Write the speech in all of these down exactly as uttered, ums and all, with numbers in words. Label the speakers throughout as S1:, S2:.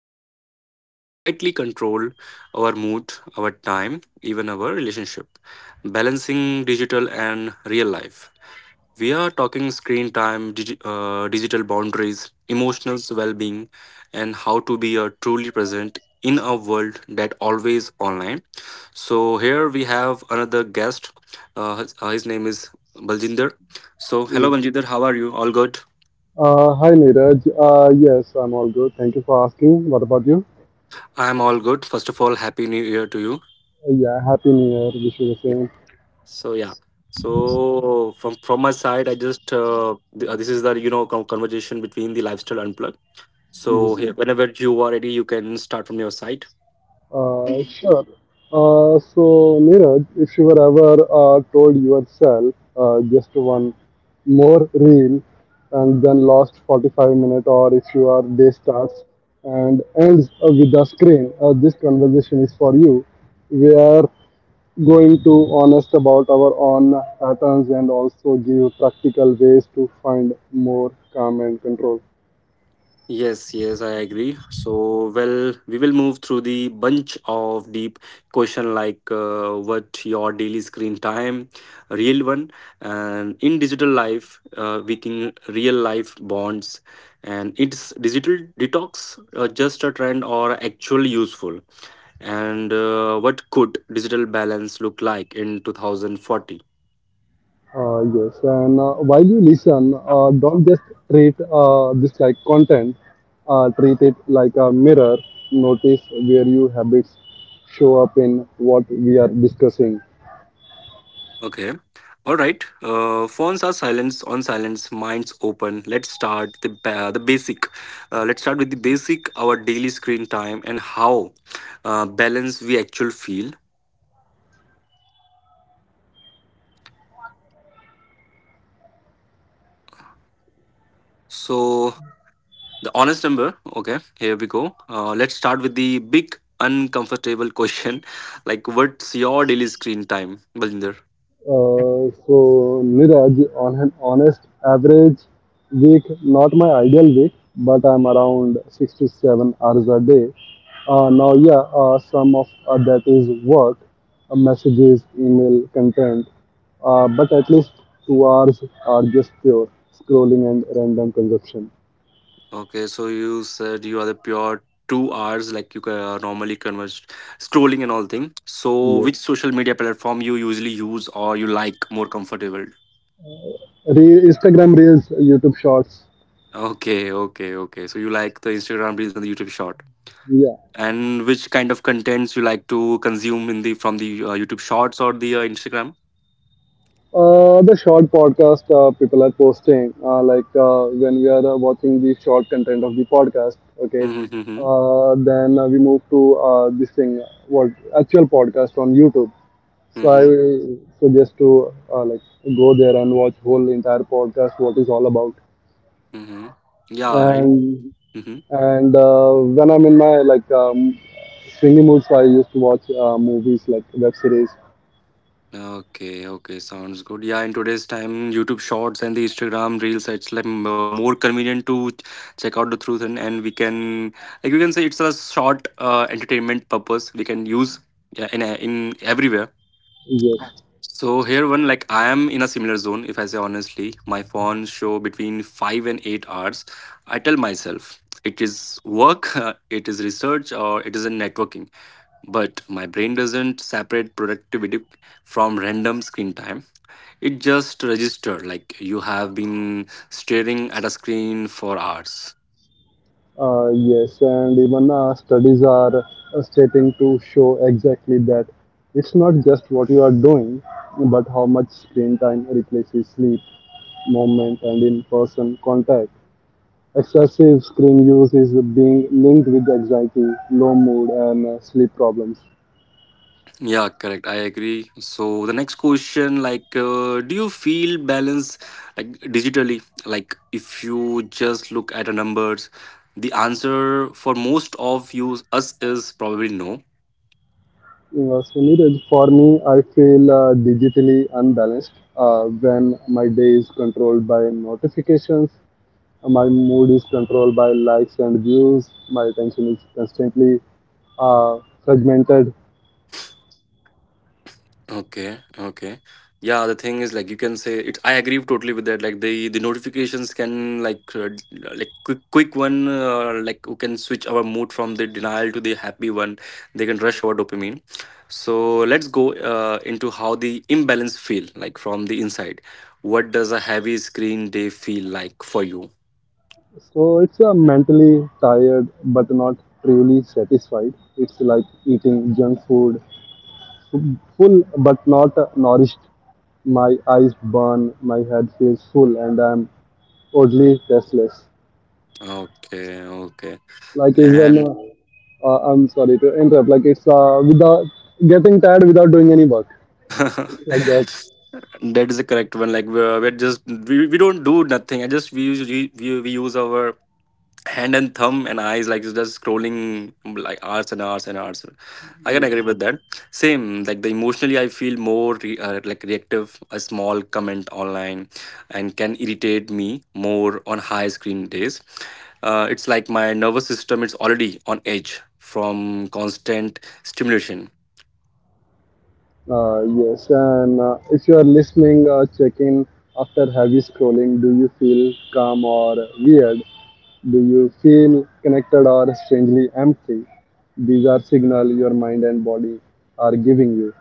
S1: about something that quietly control our mood, our time, even our relationship, balancing digital and real life. We are talking screen time, digi- uh, digital boundaries, emotional well being, and how to be uh, truly present in a world that always online. So, here we have another guest. Uh, his uh, his name is Baljinder. So, hello,
S2: Mm.
S1: Baljinder. How are you? All good?
S2: Uh, hi Neeraj. Uh, yes, I'm all good. Thank you for asking. What about you?
S1: I am all good. First of all, Happy New Year to you.
S2: Uh, yeah, happy New Year. Wish you the
S1: Yeah.
S2: same.
S1: So, yeah. So from from my side, I just uh, th- uh, this is the you know con- conversation between the lifestyle unplugged. So
S2: Yes.
S1: here, whenever you are ready, you can start from your side.
S2: Uh, sure. Uh, so Neeraj, if you were ever uh, told yourself uh, just one more reel and then lost forty-five minutes, or if your day starts and ends uh, with the screen, uh, this conversation is for you. Where going to honest about our own patterns and also give practical ways to find more calm and control.
S1: Yes, yes, I agree. So well, we will move through the bunch of deep question like uh, what your daily screen time, real one, and in digital life, uh, making real life bonds, and it's digital detox uh, just a trend or actually useful, and uh, what could digital balance look like in two thousand forty?
S2: Uh, yes, and uh, while you listen, uh, don't just treat uh, this like content, uh, treat it like a mirror. Notice where your habits show up in what we are discussing.
S1: Okay. All right. Uh, phones are silence on silence. Minds open. Let's start the ba- the basic. Uh, let's start with the basic. Our daily screen time and how uh, balanced we actually feel. So the honest number. Okay. Here we go. Uh, let's start with the big uncomfortable question. Like, what's your daily screen time, Balinder?
S2: Uh, so Niraj, on an honest average week, not my ideal week, but I'm around six to seven hours a day. Uh, now, yeah, uh, some of uh, that is work, uh, messages, email, content, uh, but at least two hours are just pure scrolling and random consumption.
S1: Okay, so you said you are the pure two hours like you uh, normally converse scrolling and all thing. So
S2: Yeah.
S1: which social media platform you usually use or you like more comfortable?
S2: Re- Instagram Reels, YouTube Shorts.
S1: Okay, okay, okay. So you like the Instagram reels and the YouTube short.
S2: Yeah.
S1: And which kind of contents you like to consume in the from the uh, YouTube shorts or the uh, Instagram?
S2: Uh, the short podcast uh, people are posting, uh, like uh, when we are uh, watching the short content of the podcast, okay,
S1: Mm-hmm, mm-hmm,
S2: uh, then uh, we move to uh, this thing, what actual podcast on YouTube. So I
S1: mm-hmm.
S2: suggest to uh, like go there and watch whole entire podcast, what is all about.
S1: Mm-hmm.
S2: And
S1: Yeah.
S2: and uh, when I'm in my like um, swingy moods, I used to watch uh, movies like web series.
S1: Okay, okay, sounds good. Yeah, in today's time, YouTube Shorts and the Instagram Reels, it's like m- uh, more convenient to ch- check out the truth, and, and we can, like, we can say it's a short uh, entertainment purpose we can use, yeah, in a- in everywhere.
S2: Yes.
S1: So here, one like I am in a similar zone. If I say honestly, my phone show between five and eight hours. I tell myself it is work, it is research, or it is a networking. But my brain doesn't separate productivity from random screen time. It just registered like you have been staring at a screen for hours.
S2: Uh, yes, and even uh, studies are uh, stating to show exactly that it's not just what you are doing, but how much screen time replaces sleep, movement, and in person contact. Excessive screen use is being linked with anxiety, low mood, and uh, sleep problems.
S1: Yeah, correct. I agree. So the next question, like, uh, do you feel balance like digitally? Like, if you just look at the numbers, the answer for most of you us is probably no.
S2: Uh, so, Neeraj, for me, I feel uh, digitally unbalanced uh, when my day is controlled by notifications. My mood is controlled by likes and views. My attention is constantly uh, fragmented.
S1: Okay, okay. Yeah, the thing is like you can say it. I agree totally with that. Like the the notifications can like uh, d- like quick quick one, uh, like who can switch our mood from the denial to the happy one. They can rush our dopamine. So let's go uh, into how the imbalance feel like from the inside. What does a heavy screen day feel like for you?
S2: So it's uh, mentally tired but not truly satisfied. It's like eating junk food, full but not uh, nourished. My eyes burn, my head feels full, and I'm oddly restless.
S1: Okay, okay,
S2: Like even
S1: and.
S2: uh, uh, I'm sorry to interrupt. Like it's uh, without getting tired without doing any work. Like that.
S1: That is the correct one. Like we're, we're just we, we don't do nothing. I just we use we, we we use our hand and thumb and eyes like just scrolling like hours and hours and hours. I can agree
S2: Yeah.
S1: with that. Same like the emotionally, I feel more re, uh, like reactive. A small comment online and can irritate me more on high screen days. Uh, it's like my nervous system is already on edge from constant stimulation.
S2: Uh, yes, and uh, if you are listening, uh, check after heavy scrolling. Do you feel calm or weird? Do you feel connected or strangely empty? These are signals your mind and body are giving you.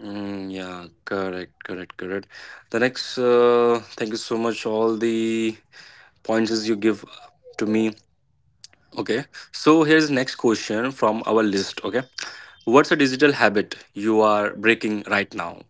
S1: Mm, yeah, correct, correct, correct. The next, uh, thank you so much. All the points is you give to me. Okay, so here's next question from our list. Okay, what's a digital habit you are breaking right now?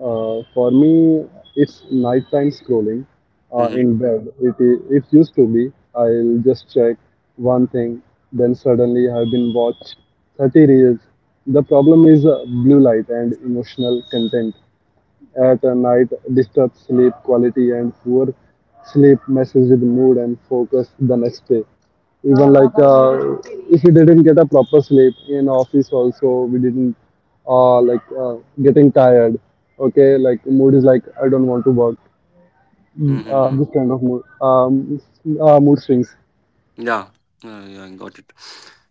S2: Uh, for me, it's nighttime scrolling uh,
S1: Mm-hmm.
S2: in bed. It, i- it used to be I'll just check one thing, then suddenly I've been watched thirty reels. The problem is uh, blue light and emotional content at night disturb sleep quality and poor sleep messes with mood and focus the next day even like uh, if you didn't get a proper sleep in office also we didn't uh, like uh, getting tired. Okay, like mood is like I don't want to work. Mm, uh,
S1: Mm-hmm.
S2: this kind of mood, um, uh, mood swings.
S1: Yeah, yeah, uh, yeah, I got it.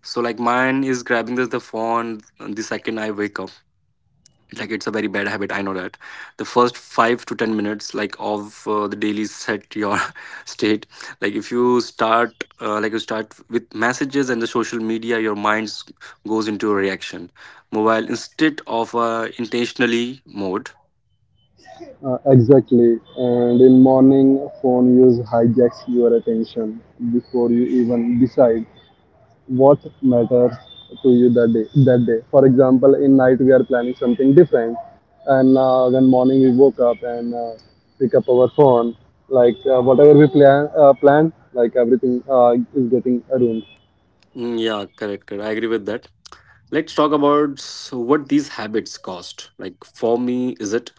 S1: So like mine is grabbing the, the phone the second I wake up. Like it's a very bad habit, I know that. The first five to ten minutes like of uh, the daily set your state, like if you start uh, like you start with messages and the social media, your mind s- goes into a reaction mobile instead of uh, intentionally mode.
S2: Uh, exactly, and in morning phone use hijacks your attention before you even decide what matters to you that day. That day, for example, in night we are planning something different, and uh, when morning we woke up and uh, pick up our phone, like uh, whatever we plan uh, planned, like everything uh, is getting ruined.
S1: Mm, yeah, correct, correct, I agree with that. Let's talk about s- what these habits cost. Like for me, is it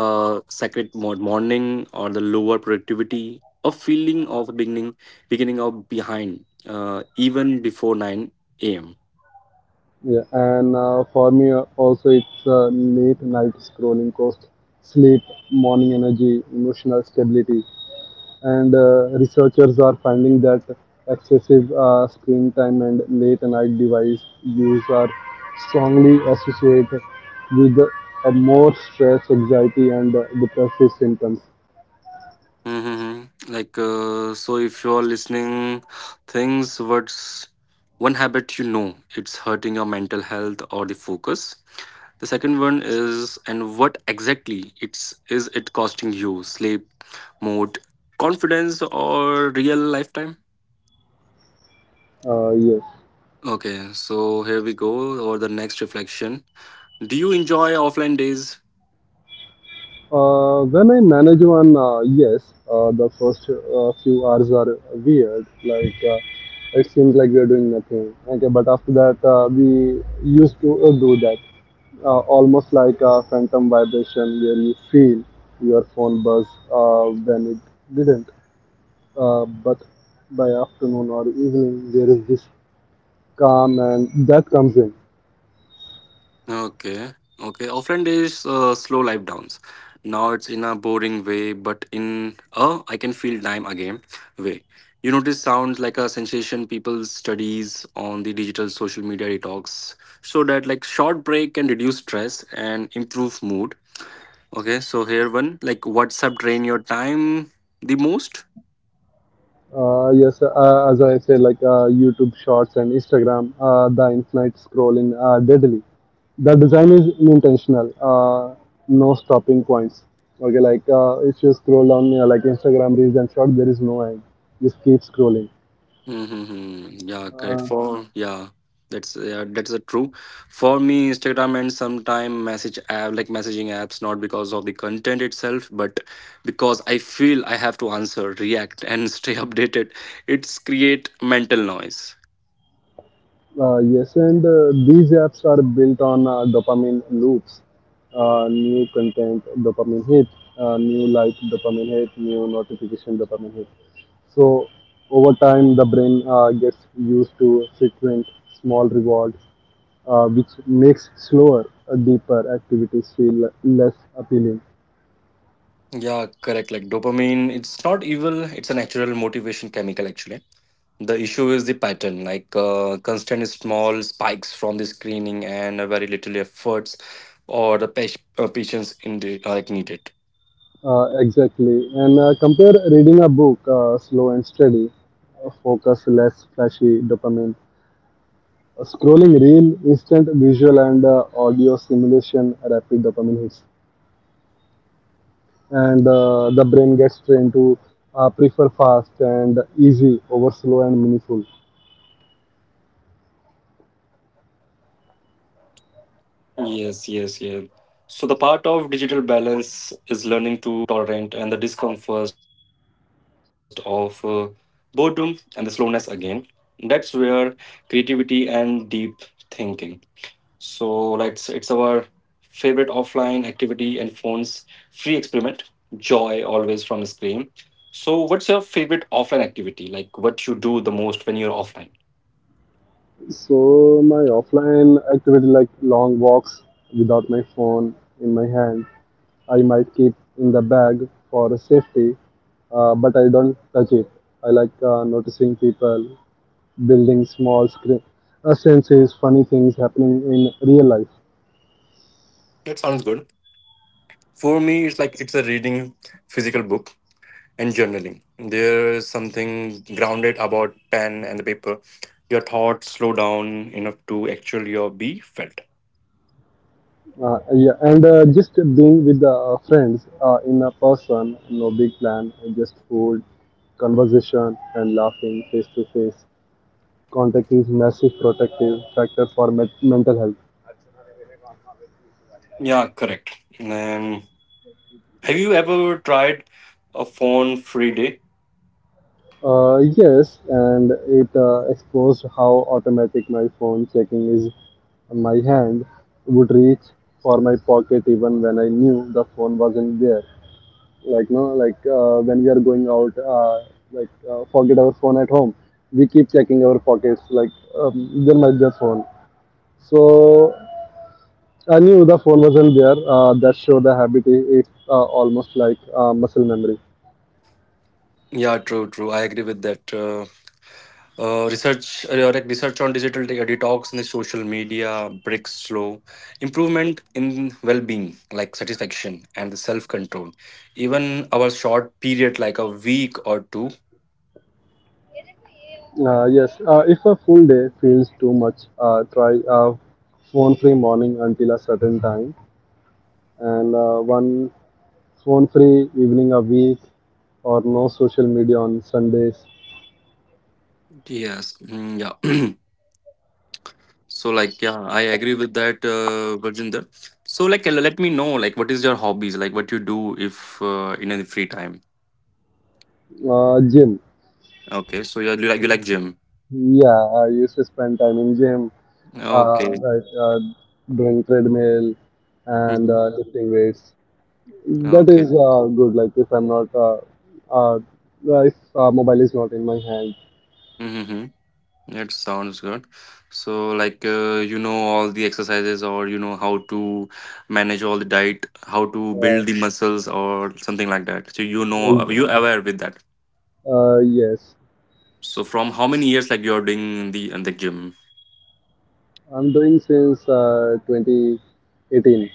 S1: uh sacred mo- morning or the lower productivity or feeling of beginning beginning of behind uh even before nine a.m.
S2: Yeah, and uh, for me uh, also it's uh, late night scrolling cost sleep, morning energy, emotional stability, and uh, researchers are finding that excessive uh, screen time and late night device use are strongly associated with uh, more stress, anxiety, and uh, depressive symptoms.
S1: Mm-hmm. Like, uh, so if you're listening, things, what's one habit you know it's hurting your mental health or the focus? The second one is, and what exactly it's is it costing you? Sleep, mood, confidence, or real lifetime?
S2: Uh, yes.
S1: Okay, so here we go. Or the next reflection. Do you enjoy offline days?
S2: Uh, when I manage one, uh, yes, uh, the first uh, few hours are weird. Like uh, it seems like we are doing nothing. Okay, but after that, uh, we used to uh, do that. Uh, almost like a phantom vibration where you feel your phone buzz uh, when it didn't. Uh, but by afternoon or evening, there is this calm and that comes in.
S1: Okay, okay. Offline days, uh, slow life downs. Now it's in a boring way, but in a I can feel time again way. You notice sounds like a sensation. People studies on the digital social media detox, so that like short break can reduce stress and improve mood. Okay, so here one like WhatsApp drain your time the most.
S2: Uh, yes, uh, as I said, like uh, YouTube Shorts and Instagram, uh, the infinite scrolling uh, deadly. The design is intentional, uh, no stopping points. Okay, like uh, if you scroll on uh, like Instagram Reels and Short, there is no end. Just keep scrolling.
S1: Mm-hmm. Yeah, correct.
S2: Uh,
S1: For, yeah, that's, yeah, that's a true. For me, Instagram and sometime message app like messaging apps, not because of the content itself, but because I feel I have to answer, react, and stay updated. It's create mental noise.
S2: Uh, yes, and uh, these apps are built on uh, dopamine loops. Uh, new content, dopamine hit, uh, new like, dopamine hit, new notification, dopamine hit. So, over time, the brain uh, gets used to frequent small rewards, uh, which makes slower, uh, deeper activities feel less appealing.
S1: Yeah, correct. Like dopamine, it's not evil. It's a natural motivation chemical actually. The issue is the pattern, like uh, constant small spikes from the screening and uh, very little efforts or the pa- uh, patience in the like needed.
S2: Uh, exactly. And uh, compare reading a book, uh, slow and steady, uh, focus, less flashy dopamine. A scrolling reel, instant visual and uh, audio stimulation, rapid dopamine hits, and uh, the brain gets trained to uh, prefer fast and easy over slow and meaningful.
S1: Yes, yes, yes. So the part of digital balance is learning to tolerate and the discomfort of uh, boredom and the slowness again. That's where creativity and deep thinking. So like it's, it's our favorite offline activity and phone's free experiment. Joy always from this game. So what's your favorite offline activity? Like what you do the most when you're offline?
S2: So my offline activity like long walks without my phone in my hand, I might keep in the bag for safety, uh, but I don't touch it. I like uh, noticing people, building small screen, uh, senses, funny things happening in real life.
S1: That sounds good. For me, it's like it's a reading physical book and journaling. There is something grounded about pen and the paper. Your thoughts slow down enough to actually your be felt.
S2: Uh, yeah, and uh, just being with the uh, friends uh, in a person, no big plan, just food, conversation, and laughing face to face. Contact is massive protective factor for me- mental health.
S1: Yeah, correct. And have you ever tried a phone free day?
S2: Uh, yes, and it uh, exposed how automatic my phone checking is. My hand would reach for my pocket even when I knew the phone wasn't there. Like no like uh, When we are going out, uh, like uh, forget our phone at home, we keep checking our pockets like um, there might be a phone. So I knew the phone wasn't there. Uh, that showed the habit is uh, almost like uh, muscle memory.
S1: Yeah, true, true. I agree with that. Uh, uh, research, uh, like research on digital de- detox and the social media breaks slow improvement in well-being, like satisfaction and the self-control. Even our short period, like a week or two.
S2: uh, yes uh, if a full day feels too much, uh, try a phone free morning until a certain time, and uh, one phone free evening a week, or no social media on sundays.
S1: Yes, mm, yeah. So, like, yeah, I agree with that, uh, Gurjinder. So, like, l- let me know, like, what is your hobbies, like, what you do if uh, in any free time?
S2: Uh, gym.
S1: Okay, so you you like you like gym.
S2: Yeah, I used to spend time in gym, uh,
S1: Okay.
S2: like uh, doing treadmill and
S1: Mm-hmm.
S2: uh, lifting weights. That is
S1: Okay.
S2: uh, good. Like if I'm not, uh, uh, if uh, mobile is not in my hand.
S1: Mm-hmm. It sounds good. So, like, uh, you know, all the exercises, or you know, how to manage all the diet, how to
S2: Uh,
S1: build the muscles, or something like that. So, you know, uh, you aware with that.
S2: uh, yes,
S1: So, from how many years, like, you're doing in the in the gym?
S2: I'm doing since uh, twenty eighteen.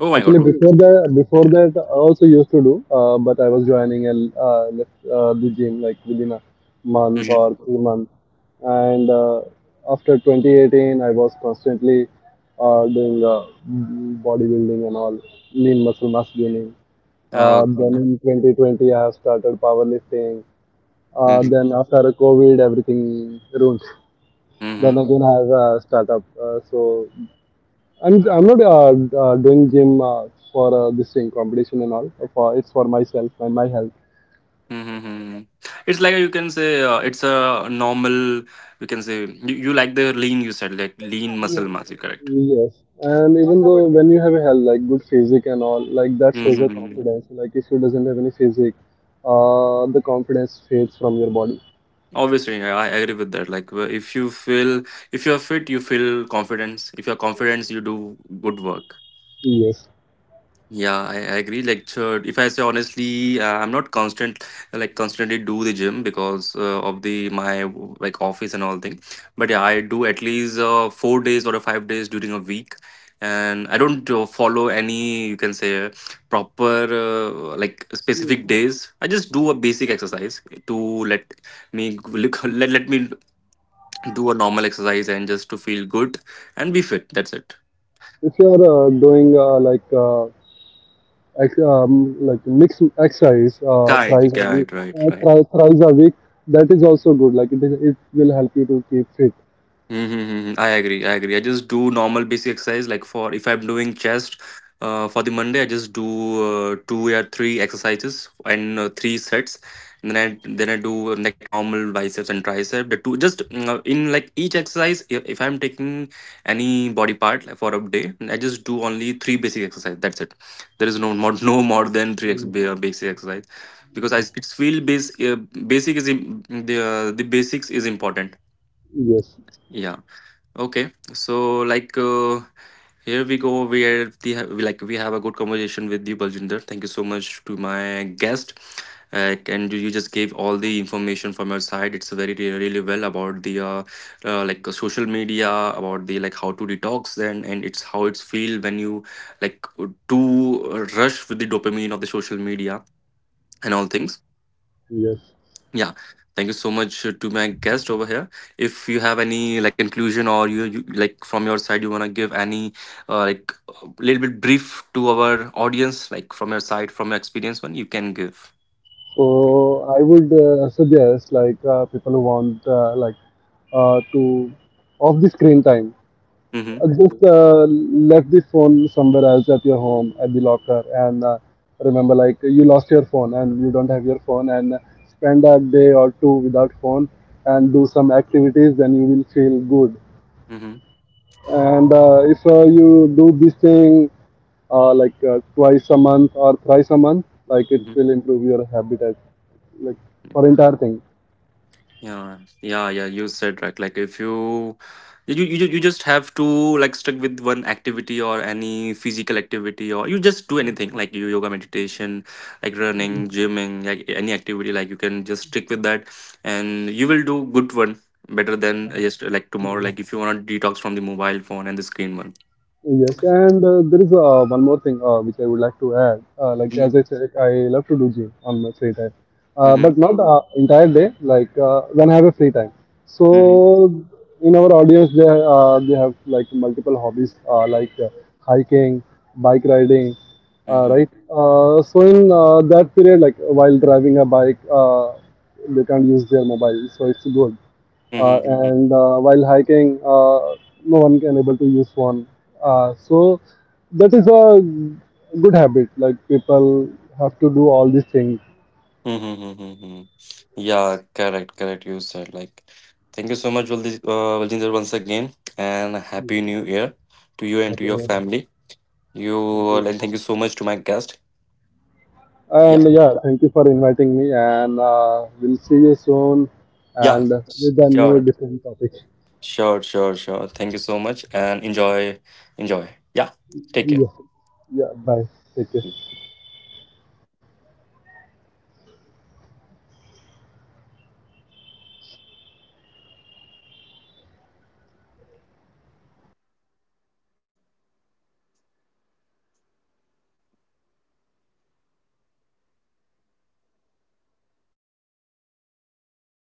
S1: Oh my God,
S2: Actually,
S1: two, two,
S2: before that, before that, I also used to do, uh, but I was joining and uh, left uh, the gym like within a month
S1: Mm-hmm.
S2: or three months. And uh, after twenty eighteen, I was constantly uh, doing uh, bodybuilding and all, lean muscle mass gaining. Uh, then
S1: Okay.
S2: in twenty twenty, I have started powerlifting. Uh,
S1: Mm-hmm.
S2: then after COVID, everything ruined. Then
S1: Mm-hmm.
S2: again, I have a startup. Uh, so I'm I'm not uh, uh, doing gym uh, for uh, this thing competition and all. For it's for myself and my health.
S1: Mm-hmm. It's like you can say uh, it's a normal. You can say you, you like the lean. You said like lean muscle mass. You correct.
S2: Yes, and even though when you have a health like good physique and all, like that shows the
S1: Mm-hmm.
S2: confidence. Like if you doesn't have any physique, uh, the confidence fades from your body.
S1: Obviously, yeah, I agree with that. Like, wh- if you feel, if you're fit, you feel confidence. If you're confident, you do good work.
S2: Yes,
S1: Yeah, I, I agree. Like, sure, if I say honestly, uh, I'm not constant, like constantly do the gym because uh, of the my like office and all thing. But yeah, I do at least uh, four days or five days during a week, and I don't uh, follow any you can say proper uh, like
S2: if
S1: specific days. I just do a basic exercise to let me let, let me do a normal exercise and just to feel good and be fit. That's it.
S2: you are uh, doing uh, like uh, ex- um, like mixed exercise uh,
S1: Right,
S2: thrice a week,
S1: right, right,
S2: uh,
S1: right.
S2: thri- thrice a week, that is also good. Like it is, it will help you to keep fit.
S1: Mm-hmm. Mm-hmm. I agree. I agree. I just do normal basic exercise. Like for if I'm doing chest, uh, for the Monday I just do uh, two or three exercises and uh, three sets. And then I then I do uh, like normal biceps and tricep. The two just mm, uh, in like each exercise. If, if I'm taking any body part like, for a day, I just do only three basic exercise. That's it. There is no more no more than three ex-
S2: Mm.
S1: ba- basic exercise because I it's feel base uh, basic is im- the uh, the basics is important.
S2: Yes.
S1: Yeah. Okay, so like uh, here we go. We are the we like we have a good conversation with you, Baljinder. Thank you so much to my guest, uh, and you you just gave all the information from your side. It's very re- really well about the uh, uh, like uh, social media, about the like how to detox and and it's how it's feel when you like too rush with the dopamine of the social media and all things.
S2: Yes.
S1: Yeah, thank you so much uh, to my guest over here. If you have any like conclusion or you, you like from your side, you want to give any uh, like a little bit brief to our audience, like from your side, from your experience, one you can give.
S2: So I would uh, suggest like uh, people who want uh, like uh, to off the screen time.
S1: Mm-hmm.
S2: Uh, just uh, left the phone somewhere else at your home at the locker, and uh, remember like you lost your phone and you don't have your phone and spend a day or two without phone and do some activities, then you will feel good.
S1: Mm-hmm.
S2: And uh, if uh, you do this thing uh, like uh, twice a month or thrice a month, like it
S1: Mm-hmm.
S2: will improve your habitat, like for entire thing.
S1: Yeah, yeah, yeah. You said right. Like if you, you, you, you just have to like stick with one activity or any physical activity or you just do anything like you yoga, meditation, like running, gymming, like any activity. Like you can just stick with that, and you will do good one better than uh, just uh, like tomorrow. Like if you want to detox from the mobile phone and the screen one.
S2: Yes, and uh, there is uh, one more thing uh, which I would like to add. Uh, like
S1: Mm-hmm.
S2: as I said, I love to do gym on my free time, uh, but
S1: Mm-hmm.
S2: not uh, entire day. Like uh, when I have a free time. So in our audience, they uh, they have like multiple hobbies, uh, like uh, hiking, bike riding, uh,
S1: Mm-hmm.
S2: right? Uh, so in uh, that period, like while driving a bike, uh, they can't use their mobile, so it's good, uh,
S1: Mm-hmm.
S2: and uh, while hiking, uh, no one can able to use phone. Uh, so that is a good habit. Like people have to do all these things.
S1: Mm-hmm. Mm-hmm, mm-hmm. Yeah, correct, correct. You said like, thank you so much, Valdi- uh, Valjinder, once again, and Happy New Year to you and to
S2: Okay,
S1: your family. You
S2: thank
S1: uh,
S2: you.
S1: And thank you so much to my guest.
S2: And
S1: Yeah,
S2: yeah, thank you for inviting me. And uh, We'll see you soon.
S1: yeah,
S2: And with a new
S1: sure,
S2: different topic.
S1: sure, sure, sure. Thank you so much, and enjoy, enjoy. Yeah, take care.
S2: Yeah, yeah. Bye. Take care.